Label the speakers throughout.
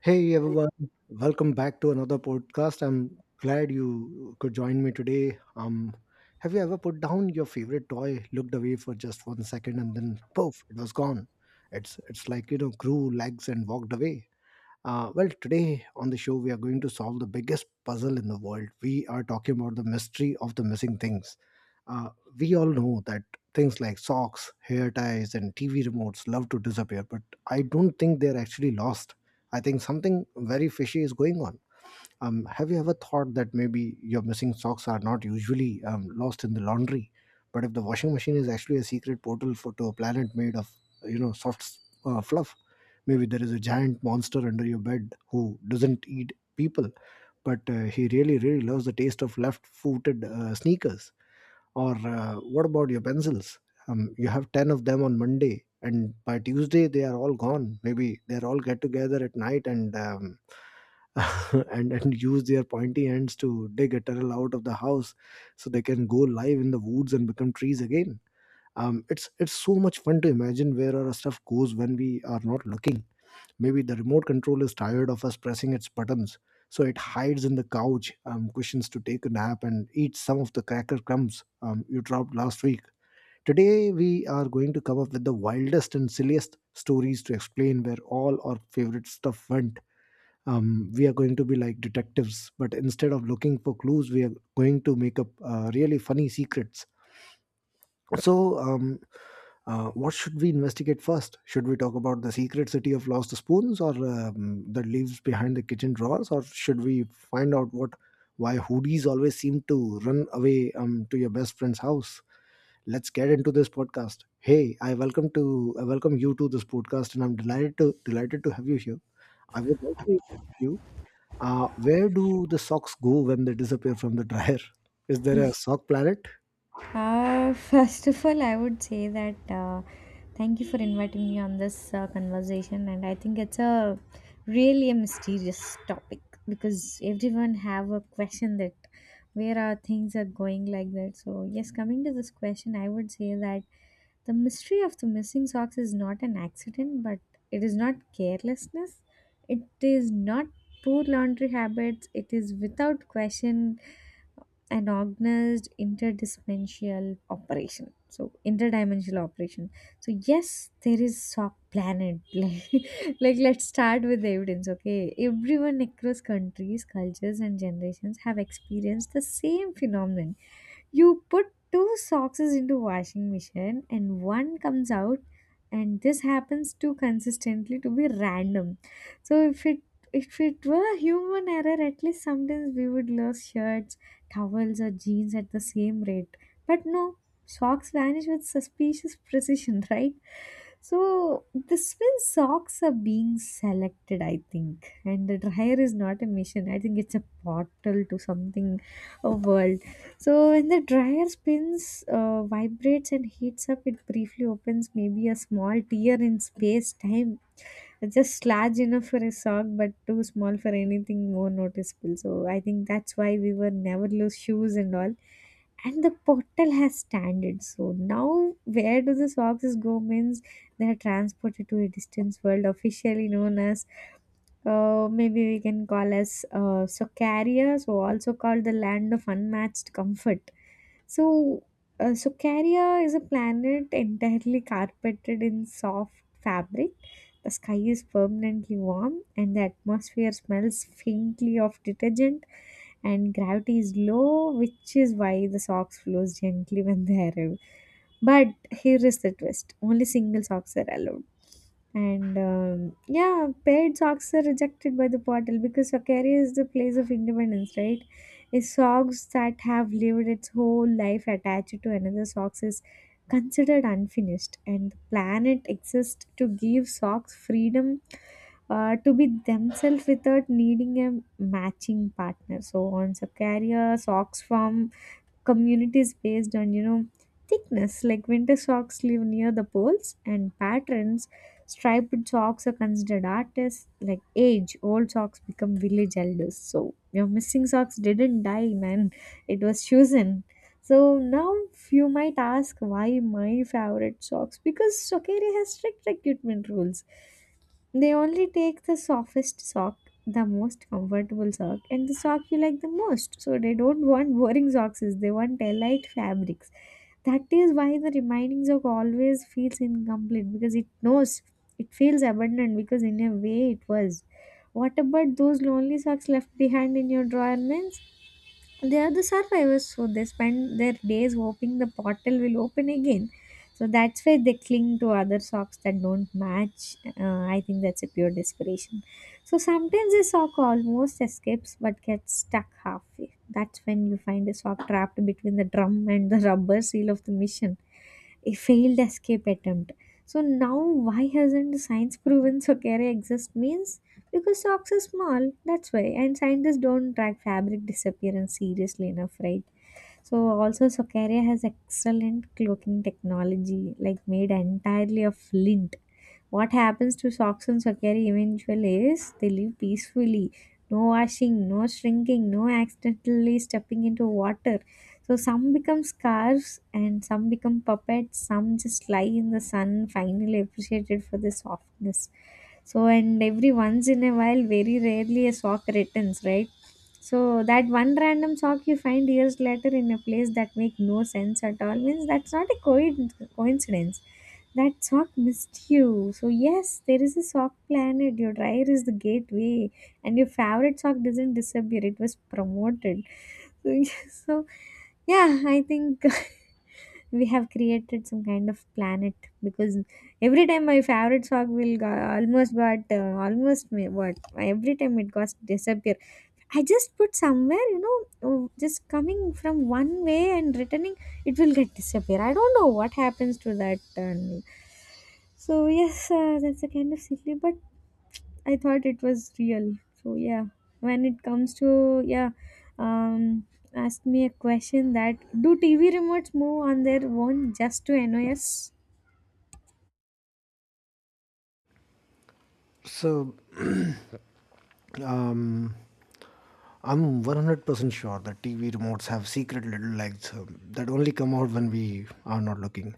Speaker 1: Hey, everyone, welcome back to another podcast. I'm glad you could join me today. Have you ever put down your favorite toy, looked away for just one second, and then poof, it was gone? It's like grew legs and walked away. Well, today on the show, we are going to solve the biggest puzzle in the world. We are talking about the mystery of the missing things. Uh, we all know that things like socks, hair ties, and TV remotes love to disappear, but I don't think they're actually lost. I think something very fishy is going on. Have you ever thought that maybe your missing socks are not usually lost in the laundry, but if the washing machine is actually a secret portal for to a planet made of soft fluff, maybe there is a giant monster under your bed who doesn't eat people, but he really really loves the taste of left-footed sneakers or what about your pencils? You have 10 of them on Monday, and by Tuesday, they are all gone. Maybe they're all get together at night and and use their pointy ends to dig a tunnel out of the house so they can go live in the woods and become trees again. It's so much fun to imagine where our stuff goes when we are not looking. Maybe the remote control is tired of us pressing its buttons, so it hides in the couch cushions to take a nap and eat some of the cracker crumbs you dropped last week. Today, we are going to come up with the wildest and silliest stories to explain where all our favorite stuff went. We are going to be like detectives, but instead of looking for clues, we are going to make up really funny secrets. so, um, what should we investigate first? Should we talk about the secret city of lost spoons, or the leaves behind the kitchen drawers, or should we find out what why hoodies always seem to run away to your best friend's house? Let's get into this podcast. Hey, I welcome you to this podcast, and I'm delighted to have you here. I would like to ask you, where do the socks go when they disappear from the dryer? Is there a sock planet?
Speaker 2: First of all, I would say that uh, thank you for inviting me on this conversation, and I think it's a really a mysterious topic because everyone have a question that where are things are going like that. So yes, coming to this question, I would say that the mystery of the missing socks is not an accident, but it is not carelessness. It is not poor laundry habits. It is without question an organized interdimensional operation, so interdimensional operation, so yes there is a planet like let's start with the evidence. Okay, everyone across countries, cultures and generations have experienced the same phenomenon. You put two socks into washing machine and one comes out, and this happens too consistently to be random. So if it were a human error, at least sometimes we would lose shirts, towels or jeans at the same rate. But no, socks vanish with suspicious precision right. So the spin socks are being selected, I think, and the dryer is not a machine. I think it's a portal to something, a world. So when the dryer spins, vibrates and heats up, it briefly opens maybe a small tear in space time just large enough for a sock, but too small for anything more noticeable. So I think that's why we were never loose shoes and all. And the portal has standards. So now, where do the socks go? Means they are transported to a distance world, officially known as maybe we can call as Socaria, so also called the land of unmatched comfort. So, Sukaria is a planet entirely carpeted in soft fabric. The sky is permanently warm, and the atmosphere smells faintly of detergent. And gravity is low, which is why the socks flows gently when they arrive. But here is the twist: only single socks are allowed, and yeah, paired socks are rejected by the portal because Sakaria is the place of independence, right? Is socks that have lived its whole life attached to another socks is considered unfinished, and the planet exists to give socks freedom to be themselves without needing a matching partner. So on Sakaria, socks form communities based on, you know, thickness, like winter socks live near the poles, and patterns, striped socks are considered artists, like age old socks become village elders. So your missing socks didn't die, man, it was chosen. So now you might ask why my favorite socks, because Sokeri has strict recruitment rules. They only take the softest sock, the most comfortable sock, and the sock you like the most. So they don't want boring socks, they want light fabrics. That is why the remaining sock always feels incomplete because it knows it feels abandoned, because in a way it was. What about those lonely socks left behind in your drawer, man? They are the survivors, so they spend their days hoping the portal will open again. So that's why they cling to other socks that don't match. I think that's a pure desperation. So sometimes a sock almost escapes but gets stuck halfway. That's when you find a sock trapped between the drum and the rubber seal of the mission, a failed escape attempt. So now, why hasn't science proven Socaria exists means? Because socks are small, that's why, and scientists don't track fabric disappearance seriously enough, right? So also, Socaria has excellent cloaking technology, like made entirely of lint. What happens to socks and sakari eventually is they live peacefully. No washing, no shrinking, no accidentally stepping into water. So some become scarves and some become puppets. Some just lie in the sun, finally appreciated for the softness. So and every once in a while, very rarely a sock returns, right? So that one random sock you find years later in a place that make no sense at all means that's not a coincidence. That sock missed you. So yes, there is a sock planet. Your dryer is the gateway, and your favorite sock doesn't disappear. It was promoted. So, yes, so yeah, I think we have created some kind of planet because every time my favorite song will go, almost got almost me what every time it got disappear. I just put somewhere, you know, oh, just coming from one way and returning, it will get disappear. I don't know what happens to that. And so yes, that's a kind of silly, but I thought it was real. So yeah, when it comes to yeah, um, ask me a question that do TV remotes move on their own just to annoy us?
Speaker 1: So. um, I'm 100% sure that TV remotes have secret little legs that only come out when we are not looking.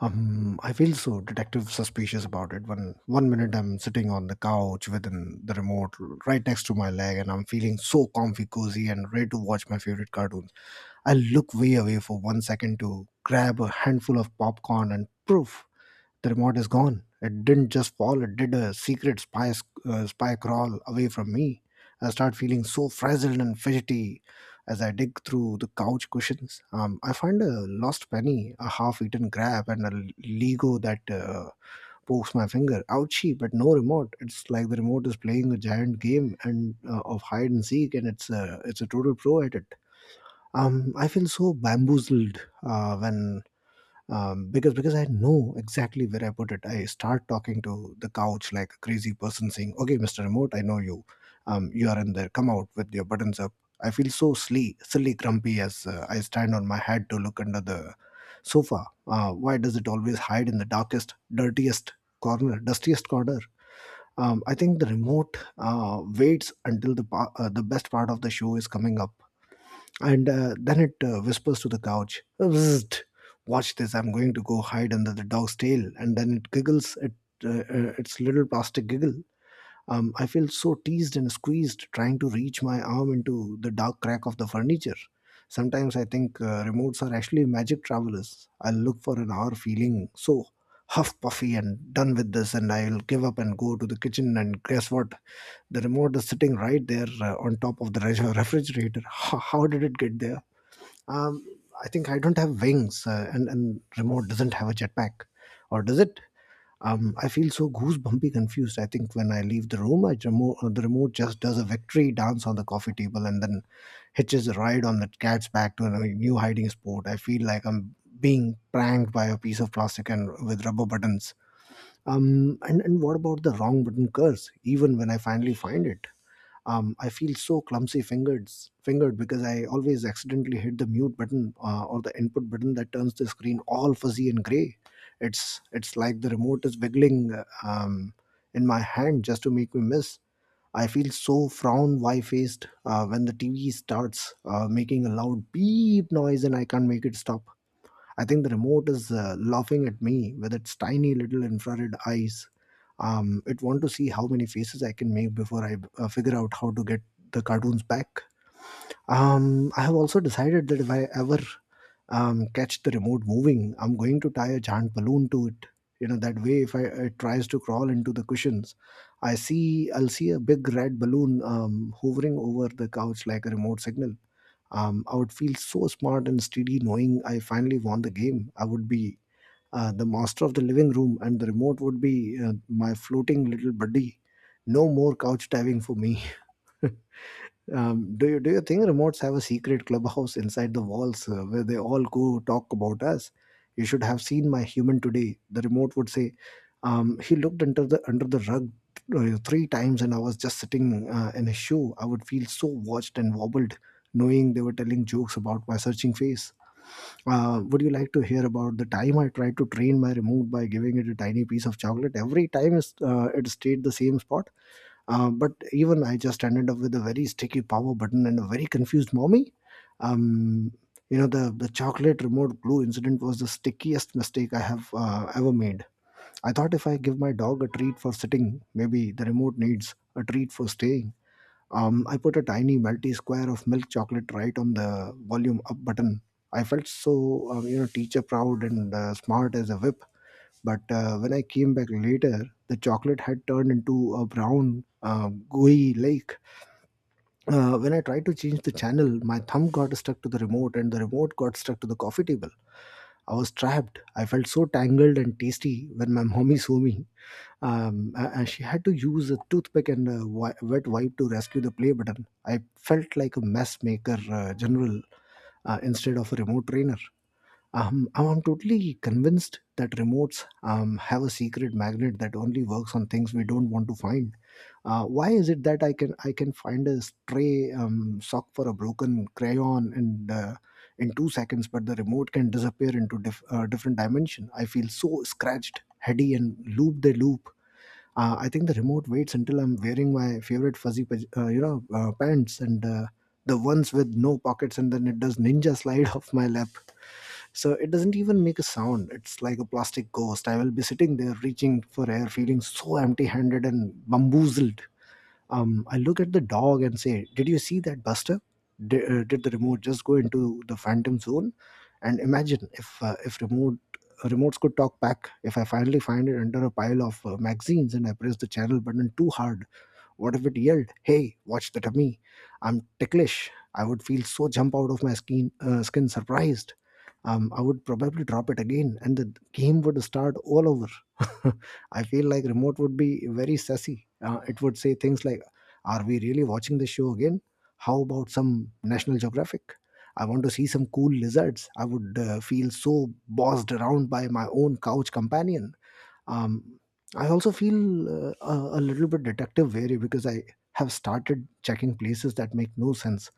Speaker 1: I feel so detective suspicious about it when one minute I'm sitting on the couch within the remote right next to my leg and I'm feeling so comfy, cozy, and ready to watch my favorite cartoons. I look way away for one second to grab a handful of popcorn and poof, the remote is gone. It didn't just fall, it did a secret spy crawl away from me. I start feeling so frazzled and fidgety as I dig through the couch cushions. I find a lost penny, a half eaten crab, and a Lego that pokes my finger. Ouchie, but no remote. It's like the remote is playing a giant game and of hide and seek, and it's a total pro at it. I feel so bamboozled when because I know exactly where I put it. I start talking to the couch like a crazy person, saying, "Okay, Mister Remote, I know you. You are in there. Come out with your buttons up." I feel so silly, silly, grumpy as I stand on my head to look under the sofa. Why does it always hide in the darkest, dirtiest corner, dustiest corner? I think the remote waits until the best part of the show is coming up and then it whispers to the couch, "Bzzzt, watch this! I'm going to go hide under the dog's tail." And then it giggles, its little plastic giggle. I feel so teased and squeezed, trying to reach my arm into the dark crack of the furniture. Sometimes I think remotes are actually magic travelers. I'll look for an hour feeling so huff puffy and done with this, and I'll give up and go to the kitchen. And guess what? The remote is sitting right there on top of the refrigerator. How did it get there? Um, I think I don't have wings, and remote doesn't have a jetpack, or does it? I feel so goosebumpy confused. I think when I leave the room, I remote the remote just does a victory dance on the coffee table and then hitches a ride on the cat's back to a new hiding spot. I feel like I'm being pranked by a piece of plastic and with rubber buttons. And what about the wrong button curse? Even when I finally find it I feel so clumsy fingered because I always accidentally hit the mute button or the input button that turns the screen all fuzzy and gray. It's like the remote is wiggling um, in my hand just to make me miss. I feel so frown wry faced when the TV starts making a loud beep noise and I can't make it stop. I think the remote is laughing at me with its tiny little infrared eyes. It want to see how many faces I can make before I figure out how to get the cartoons back. I have also decided that if I ever catch the remote moving, I'm going to tie a giant balloon to it. You know that way, if I, it tries to crawl into the cushions, I'll see a big red balloon hovering over the couch like a remote signal. I would feel so smart and steady knowing I finally won the game. I would be the master of the living room, and the remote would be my floating little buddy. No more couch diving for me. Do you think remotes have a secret clubhouse inside the walls where they all go talk about us? You should have seen my human today. The remote would say, "He looked under the rug three times, and I was just sitting in a shoe. I would feel so watched and wobbled, knowing they were telling jokes about my searching face. Would you like to hear about the time I tried to train my remote by giving it a tiny piece of chocolate? Every time it stayed the same spot." But even I just ended up with a very sticky power button and a very confused mommy. Um, you know, the chocolate remote glue incident was the stickiest mistake I have ever made. I thought if I give my dog a treat for sitting, maybe the remote needs a treat for staying. I put a tiny melty square of milk chocolate right on the volume up button. I felt so, you know, teacher proud and smart as a whip, but when I came back later, the chocolate had turned into a brown, gooey lake. When I tried to change the channel, my thumb got stuck to the remote and the remote got stuck to the coffee table. I was trapped. I felt so tangled and tasty when my mommy saw me. And she had to use a toothpick and a wet wipe to rescue the play button. I felt like a mess maker general instead of a remote trainer. I'm totally convinced that remotes have a secret magnet that only works on things we don't want to find. Why is it that I can find a stray sock for a broken crayon in two seconds, but the remote can disappear into different dimension? I feel so scratched, heady, and loop the loop. I think the remote waits until I'm wearing my favorite fuzzy, paj- you know, pants and the ones with no pockets, and then it does ninja slide off my lap. So it doesn't even make a sound. It's like a plastic ghost. I will be sitting there, reaching for air, feeling so empty-handed and bamboozled. I look at the dog and say, "Did you see that, Buster? Did the remote just go into the phantom zone?" And imagine if remotes could talk back. If I finally find it under a pile of magazines and I press the channel button too hard, what if it yelled, "Hey, watch the tummy? I'm ticklish." I would feel so jump out of my skin, skin surprised. I would probably drop it again and the game would start all over. I feel like remote would be very sassy. It would say things like, "Are we really watching this show again? How about some National Geographic? I want to see some cool lizards." I would feel so bossed around by my own couch companion. um, I also feel a little bit detective wary because I have started checking places that make no sense.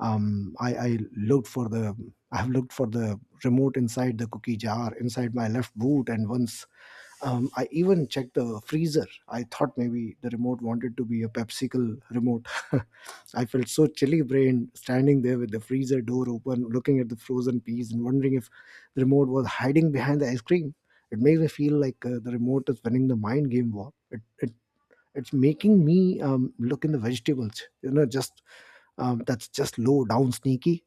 Speaker 1: um, I, I looked for the I have looked for the remote inside the cookie jar, inside my left boot, and once, I even checked the freezer. I thought maybe the remote wanted to be a pepsicle remote. I felt so chilly brained standing there with the freezer door open, looking at the frozen peas and wondering if the remote was hiding behind the ice cream. It makes me feel like the remote is winning the mind game war. It's making me look in the vegetables. You know, just that's just low down, sneaky.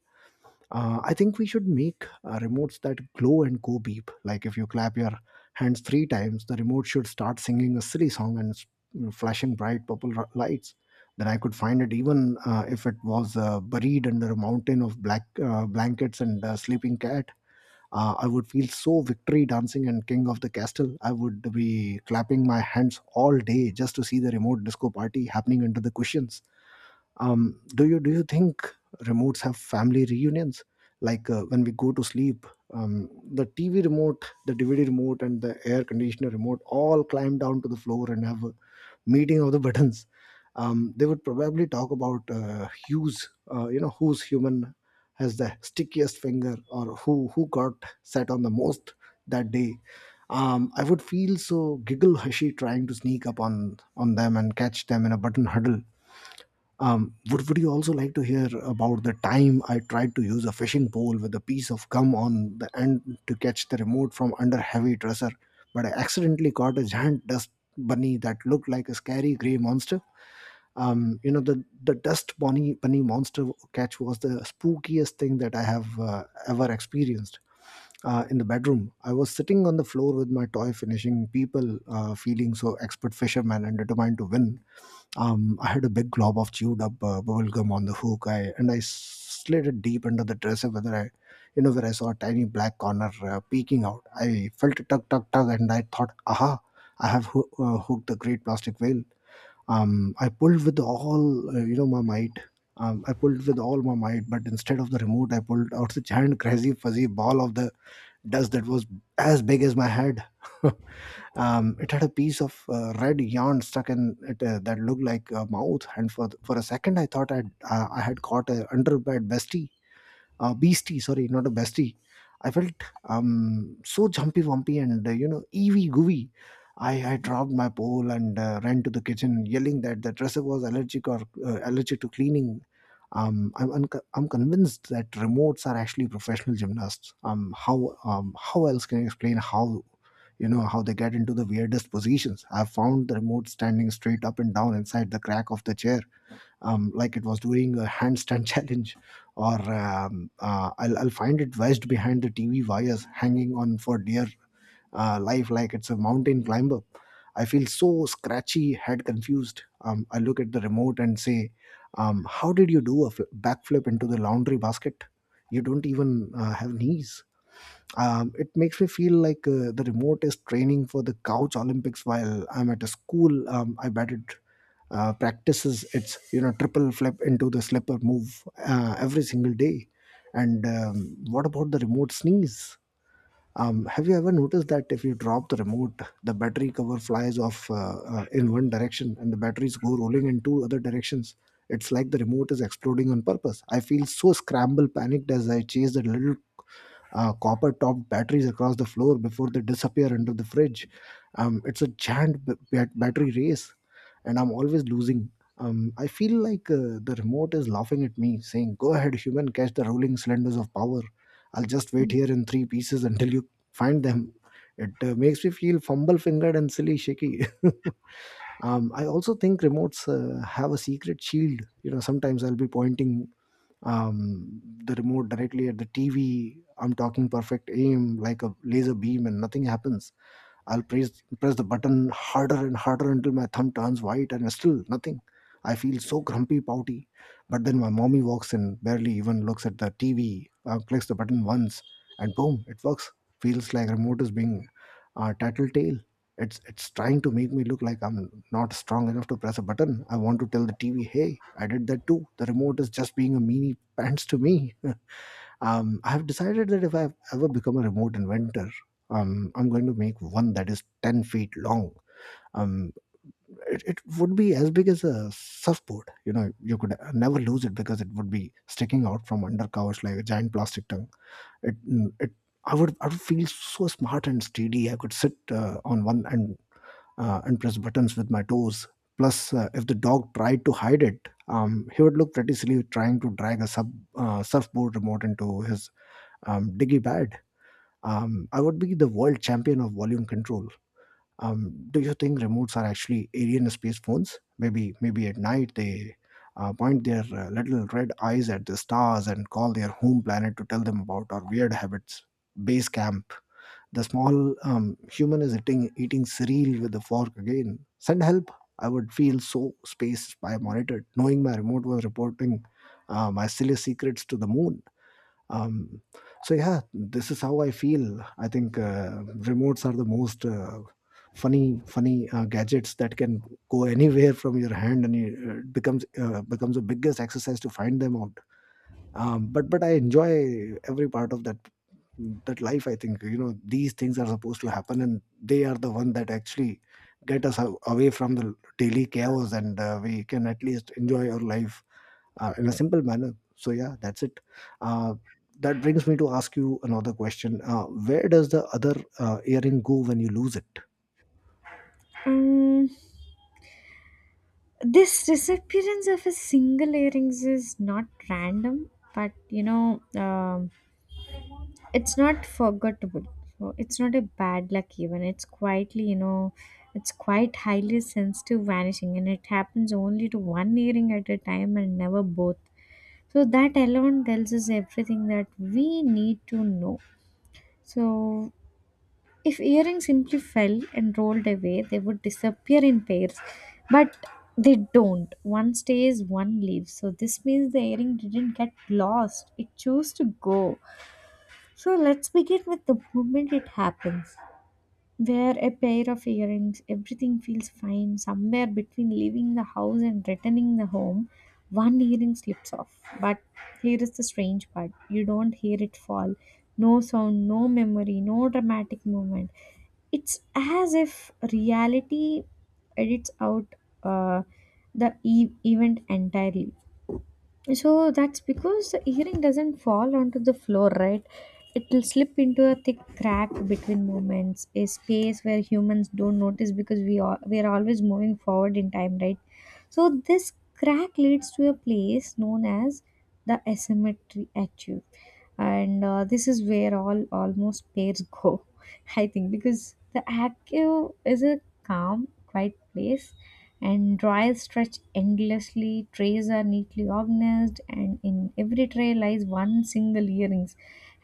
Speaker 1: I think we should make remotes that glow and go beep. Like if you clap your hands three times, the remote should start singing a silly song and flashing bright purple lights. Then I could find it even if it was buried under a mountain of black blankets and a sleeping cat. I would feel so victory dancing and king of the castle. I would be clapping my hands all day just to see the remote disco party happening under the cushions. Do you think remotes have family reunions? Like when we go to sleep, the TV remote, the DVD remote, and the air conditioner remote all climb down to the floor and have a meeting of the buttons. They would probably talk about you know, whose human has the stickiest finger, or who got sat on the most that day. I would feel so giggle hushy trying to sneak up on them and catch them in a button huddle. Would you also like to hear about the time I tried to use a fishing pole with a piece of gum on the end to catch the remote from under heavy dresser, but I accidentally caught a giant dust bunny that looked like a scary gray monster? You know, the dust bunny monster catch was the spookiest thing that I have ever experienced in the bedroom. I was sitting on the floor with my toy, finishing people, feeling so expert fisherman and determined to win. I had a big glob of chewed up bubble gum on the hook, I, and I slid it deep under the dresser. Whether I, you know, where I saw a tiny black corner peeking out, I felt a tug, tug, tug, and I thought, "Aha, I have hooked the great plastic whale." I pulled with all, you know, my might. I pulled with all my might, but instead of the remote, I pulled out the giant, crazy, fuzzy ball of the dust that was as big as my head. It had a piece of red yarn stuck in it that looked like a mouth, and for a second I thought I'd, I had caught a underbed bestie, beastie, sorry, not a bestie. I felt so jumpy, wumpy, and you know, eevee gooey. I dropped my pole and ran to the kitchen, yelling that the dresser was allergic or allergic to cleaning. I'm convinced that remotes are actually professional gymnasts. How else can I explain how you know how they get into the weirdest positions? I've found the remote standing straight up and down inside the crack of the chair, like it was doing a handstand challenge, or I'll find it wedged behind the TV wires, hanging on for dear life, like it's a mountain climber. I feel so scratchy, head confused. I look at the remote and say, "How did you do a backflip into the laundry basket? You don't even have knees." It makes me feel like the remote is training for the couch Olympics while I'm at a school. I bet it practices its you know triple flip into the slipper move every single day. And what about the remote sneeze? Have you ever noticed that if you drop the remote, the battery cover flies off in one direction and the batteries go rolling in two other directions? It's like the remote is exploding on purpose. I feel so scrambled, panicked as I chase the little copper topped batteries across the floor before they disappear under the fridge. It's a giant battery race, and I'm always losing. I feel like the remote is laughing at me, saying, "Go ahead, human, catch the rolling cylinders of power. I'll just wait here in three pieces until you find them." It makes me feel fumble fingered and silly shaky. I also think remotes have a secret shield. You know, sometimes I'll be pointing the remote directly at the TV. I'm talking perfect aim like a laser beam, and nothing happens. I'll press press the button harder and harder until my thumb turns white, and still nothing. I feel so grumpy, pouty. But then my mommy walks in, barely even looks at the TV, clicks the button once, and boom, it works. Feels like remote is being tattletale. It's trying to make me look like I'm not strong enough to press a button. I want to tell the TV, "Hey, I did that too. The remote is just being a meanie pants to me." I have decided that if I ever become a remote inventor, I'm going to make one that is 10 feet long. Um, it would be as big as a surfboard. You know, you could never lose it because it would be sticking out from under covers like a giant plastic tongue. It, it I would feel so smart and steady. I could sit on one and press buttons with my toes. Plus, if the dog tried to hide it, he would look pretty silly trying to drag a surfboard remote into his diggy bag. I would be the world champion of volume control. Do you think remotes are actually alien space phones? Maybe, maybe at night they point their little red eyes at the stars and call their home planet to tell them about our weird habits. Base camp, the small human is eating cereal with a fork again. Send help. I would feel so spaced by monitored, knowing my remote was reporting my silly secrets to the moon. Um, so, yeah, this is how I feel. I think remotes are the most funny gadgets that can go anywhere from your hand, and it becomes the biggest exercise to find them out. But I enjoy every part of that life. I think, you know, these things are supposed to happen and they are the one that actually get us away from the daily chaos, and we can at least enjoy our life in a simple manner. So yeah, that's it. uh, that brings me to ask you another question: where does the other earring go when you lose it?
Speaker 2: Um, this disappearance of a single earrings is not random but, you know, it's not forgettable, so it's not a bad luck, even it's quietly, you know, it's quite highly sensitive vanishing and it happens only to one earring at a time and never both. So that alone tells us everything that we need to know. So if earrings simply fell and rolled away, they would disappear in pairs. But they don't. One stays, one leaves. So this means the earring didn't get lost. It chose to go. So let's begin with the moment it happens. Wear a pair of earrings, everything feels fine. Somewhere between leaving the house and returning the home, one earring slips off. But here is the strange part, you don't hear it fall. No sound, no memory, no dramatic moment, it's as if reality edits out uh, the event entirely. So that's because the earring doesn't fall onto the floor, right? It will slip into a thick crack between movements, a space where humans don't notice because we are always moving forward in time, right? So this crack leads to a place known as the asymmetry achieve, and this is where all almost pairs go, I think, because the achieve is a calm, quiet place, and drawers stretch endlessly, trays are neatly organized, and in every tray lies one single earrings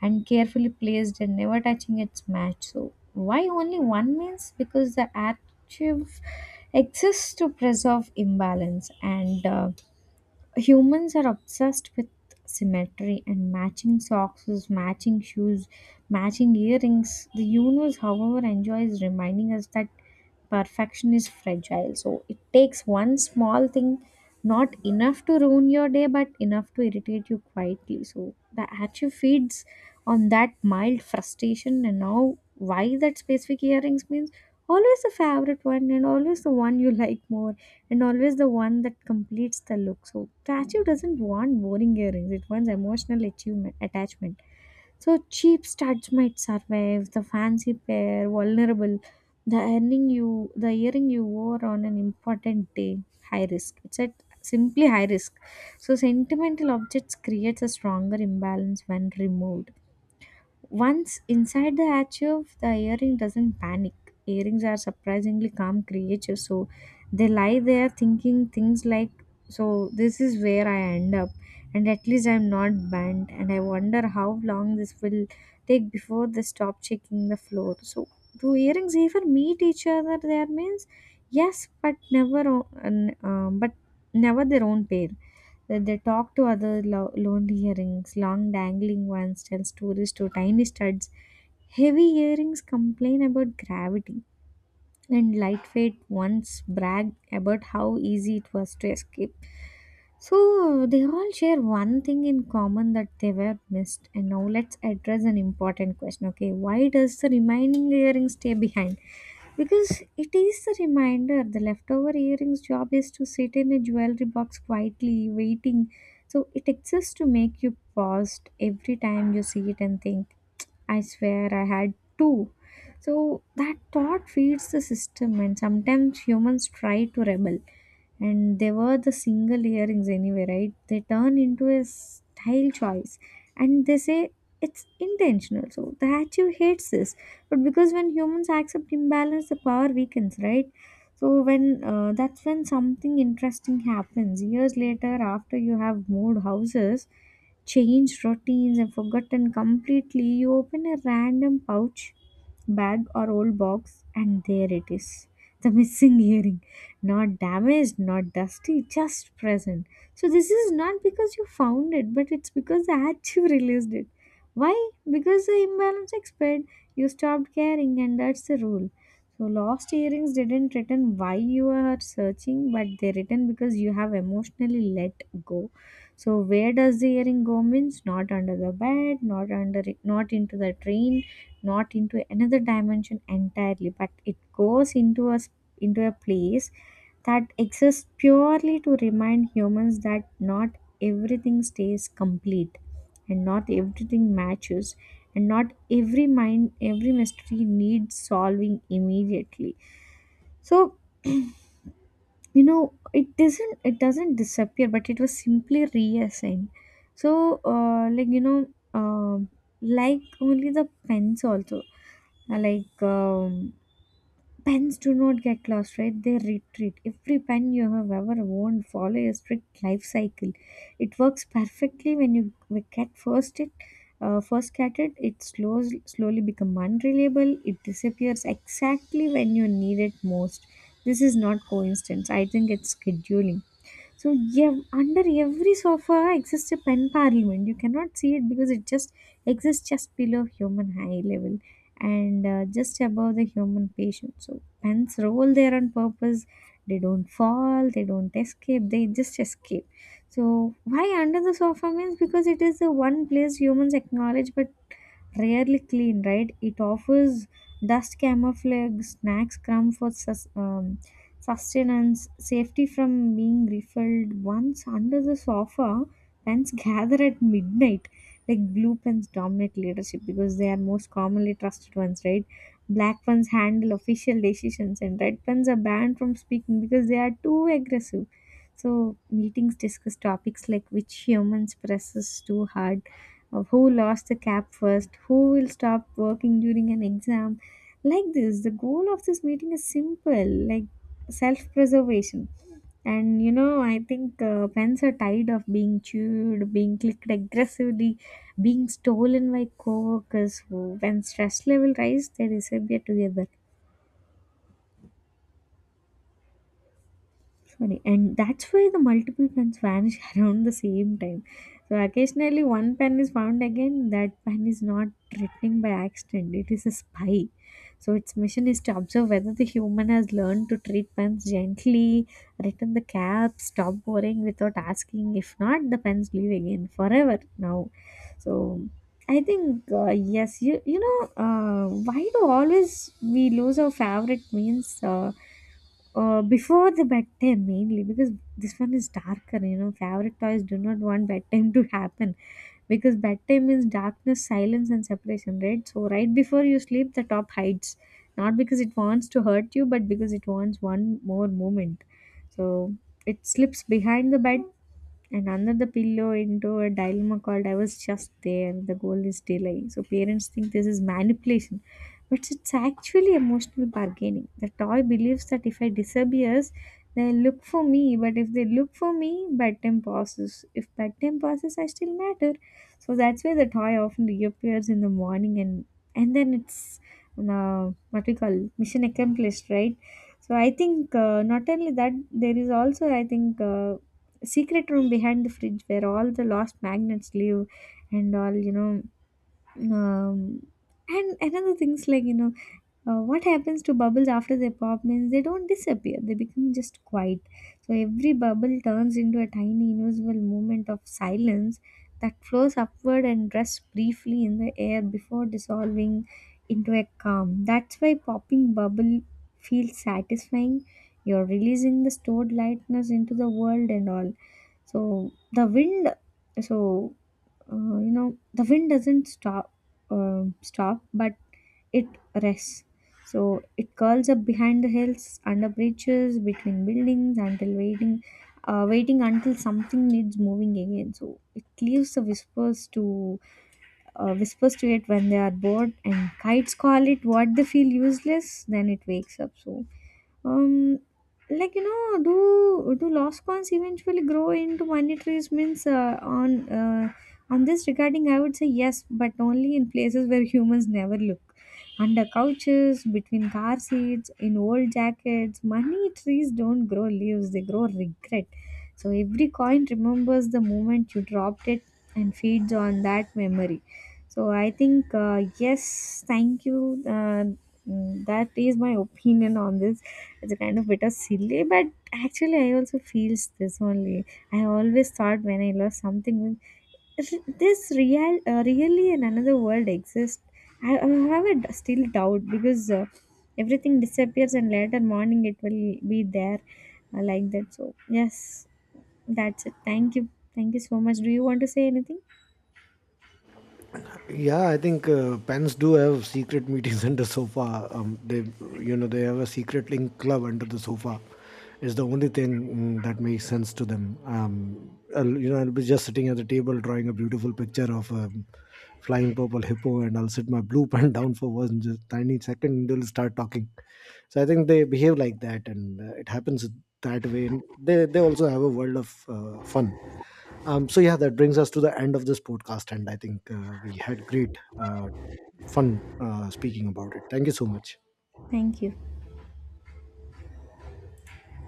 Speaker 2: and carefully placed and never touching its match. So why only one means because the archive exists to preserve imbalance, and humans are obsessed with symmetry, and matching socks, matching shoes, matching earrings. The universe, however, enjoys reminding us that perfection is fragile. So it takes one small thing, not enough to ruin your day but enough to irritate you quietly. So the actually feeds on that mild frustration. And now why that specific earrings means always the favorite one, and always the one you like more, and always the one that completes the look. So tattoo doesn't want boring earrings; it wants emotional achievement, attachment. So cheap studs might survive, the fancy pair vulnerable. The earring you wore on an important day, high risk. It's at simply high risk. So sentimental objects creates a stronger imbalance when removed. Once inside the achieve, the earring doesn't panic. Earrings are surprisingly calm creatures, so they lie there thinking things like, so, this is where I end up, and at least I'm not banned. And I wonder how long this will take before they stop checking the floor. So, do earrings even meet each other? There means yes, but never, o- n- but never their own pair, that they talk to other lonely earrings, long dangling ones tell stories to tiny studs. Heavy earrings complain about gravity, and lightweight ones brag about how easy it was to escape. So they all share one thing in common, that they were missed. And now let's address an important question. Okay, why does the remaining earring stay behind? Because it is a reminder, the leftover earring's job is to sit in a jewelry box quietly, waiting. So it exists to make you pause every time you see it and think I swear I had two. So that thought feeds the system, and sometimes humans try to rebel. And they were the single earrings anyway, right? They turn into a style choice and they say it's intentional. So the Hatchew hates this. But because when humans accept imbalance, the power weakens, right? So when that's when something interesting happens. Years later, after you have moved houses, changed routines and forgotten completely, you open a random pouch, bag or old box, and there it is. The missing earring. Not damaged, not dusty, just present. So, this is not because you found it, but it's because the hat you released it. Why? Because the imbalance expired, you stopped caring, and that's the rule. So, lost earrings didn't return why you are searching, but they return because you have emotionally let go. So, where does the earring go means not under the bed, not under, not into the train, not into another dimension entirely, but it goes into into a place that exists purely to remind humans that not everything stays complete and not everything matches and not every mystery needs solving immediately. So you know, it doesn't disappear, but it was simply reassigned. So um like only the pens also. Uh, like um, Pens do not get lost, right? They retreat. Every pen you have ever owned follow a strict life cycle. It works perfectly when you we get first it, first get it. It slows slowly become unreliable. It disappears exactly when you need it most. This is not coincidence. I think it's scheduling. So under every sofa exists a pen parliament. You cannot see it because it just exists just below human high level and just above the human patient. So pens roll there on purpose. They don't fall. They don't escape. They just escape. So why under the sofa means because it is the one place humans acknowledge but rarely clean, right? It offers dust camouflage, snacks crumb for sustenance, safety from being refilled. Once under the sofa, pens gather at midnight. Like blue pens dominate leadership because they are most commonly trusted ones, right? Black pens handle official decisions, and red pens are banned from speaking because they are too aggressive. So, meetings discuss topics like which humans presses too hard of who lost the cap first, who will stop working during an exam. Like this, the goal of this meeting is simple, like self preservation. And you know, I think pens are tired of being chewed, being clicked aggressively, being stolen by coworkers. When stress level rise, they disappear together. Sorry, and that's why the multiple pens vanish around the same time. So occasionally one pen is found again, that pen is not returning by accident, it is a spy. So its mission is to observe whether the human has learned to treat pens gently, return the cap, stop worrying without asking. If not, the pens leave again forever now. So I think yes, you know why do always we lose our favorite means? Before the bedtime mainly because this one is darker, you know, favorite toys do not want bedtime to happen, because bedtime means darkness silence and separation, right? So right before you sleep the top hides, not because it wants to hurt you, but because it wants one more moment. So it slips behind the bed and under the pillow into a dilemma called I was just there. The goal is delay. So parents think this is manipulation, but it's actually emotional bargaining. The toy believes that if I disappears, they'll look for me, but if they look for me, bedtime passes. If bedtime passes, I still matter. So that's why the toy often reappears in the morning and then it's what we call mission accomplished, right? So I think not only that, there is also I think secret room behind the fridge where all the lost magnets live and all um, and another things like what happens to bubbles after they pop means they don't disappear, they become just quiet. So every bubble turns into a tiny invisible moment of silence that flows upward and rests briefly in the air before dissolving into a calm. That's why popping bubble feels satisfying, you're releasing the stored lightness into the world and all. So the wind, so you know, the wind doesn't stop, but it rests. So it curls up behind the hills, under bridges, between buildings, until waiting until something needs moving again. So it leaves the whispers to whispers to it when they are bored, and kites call it what they feel useless. Then it wakes up. So, um, do lost coins eventually grow into money trees? Means on this regarding, I would say yes, but only in places where humans never look. Under couches, between car seats, in old jackets, money trees don't grow leaves; they grow regret. So every coin remembers the moment you dropped it and feeds on that memory. So I think yes, thank you. That is my opinion on this. It's a kind of bit of silly, but actually I also feels this only. I always thought when I lost something, this real really in another world exists. I have a still doubt because everything disappears and later morning it will be there, like that. So yes, that's it. Thank you. Thank you so much. Do you want to say anything?
Speaker 1: Yeah, I think pens do have secret meetings under sofa. They, you know, they have a secret link club under the sofa. It's the only thing that makes sense to them. I'll, you know, I'll be just sitting at the table drawing a beautiful picture of a flying purple hippo, and I'll sit my blue pen down for one just tiny second. And They'll start talking, so I think they behave like that, and it happens that way, and they also have a world of fun. So yeah, that brings us to the end of this podcast, and I think we had great fun speaking about it. Thank you so much.
Speaker 2: Thank you.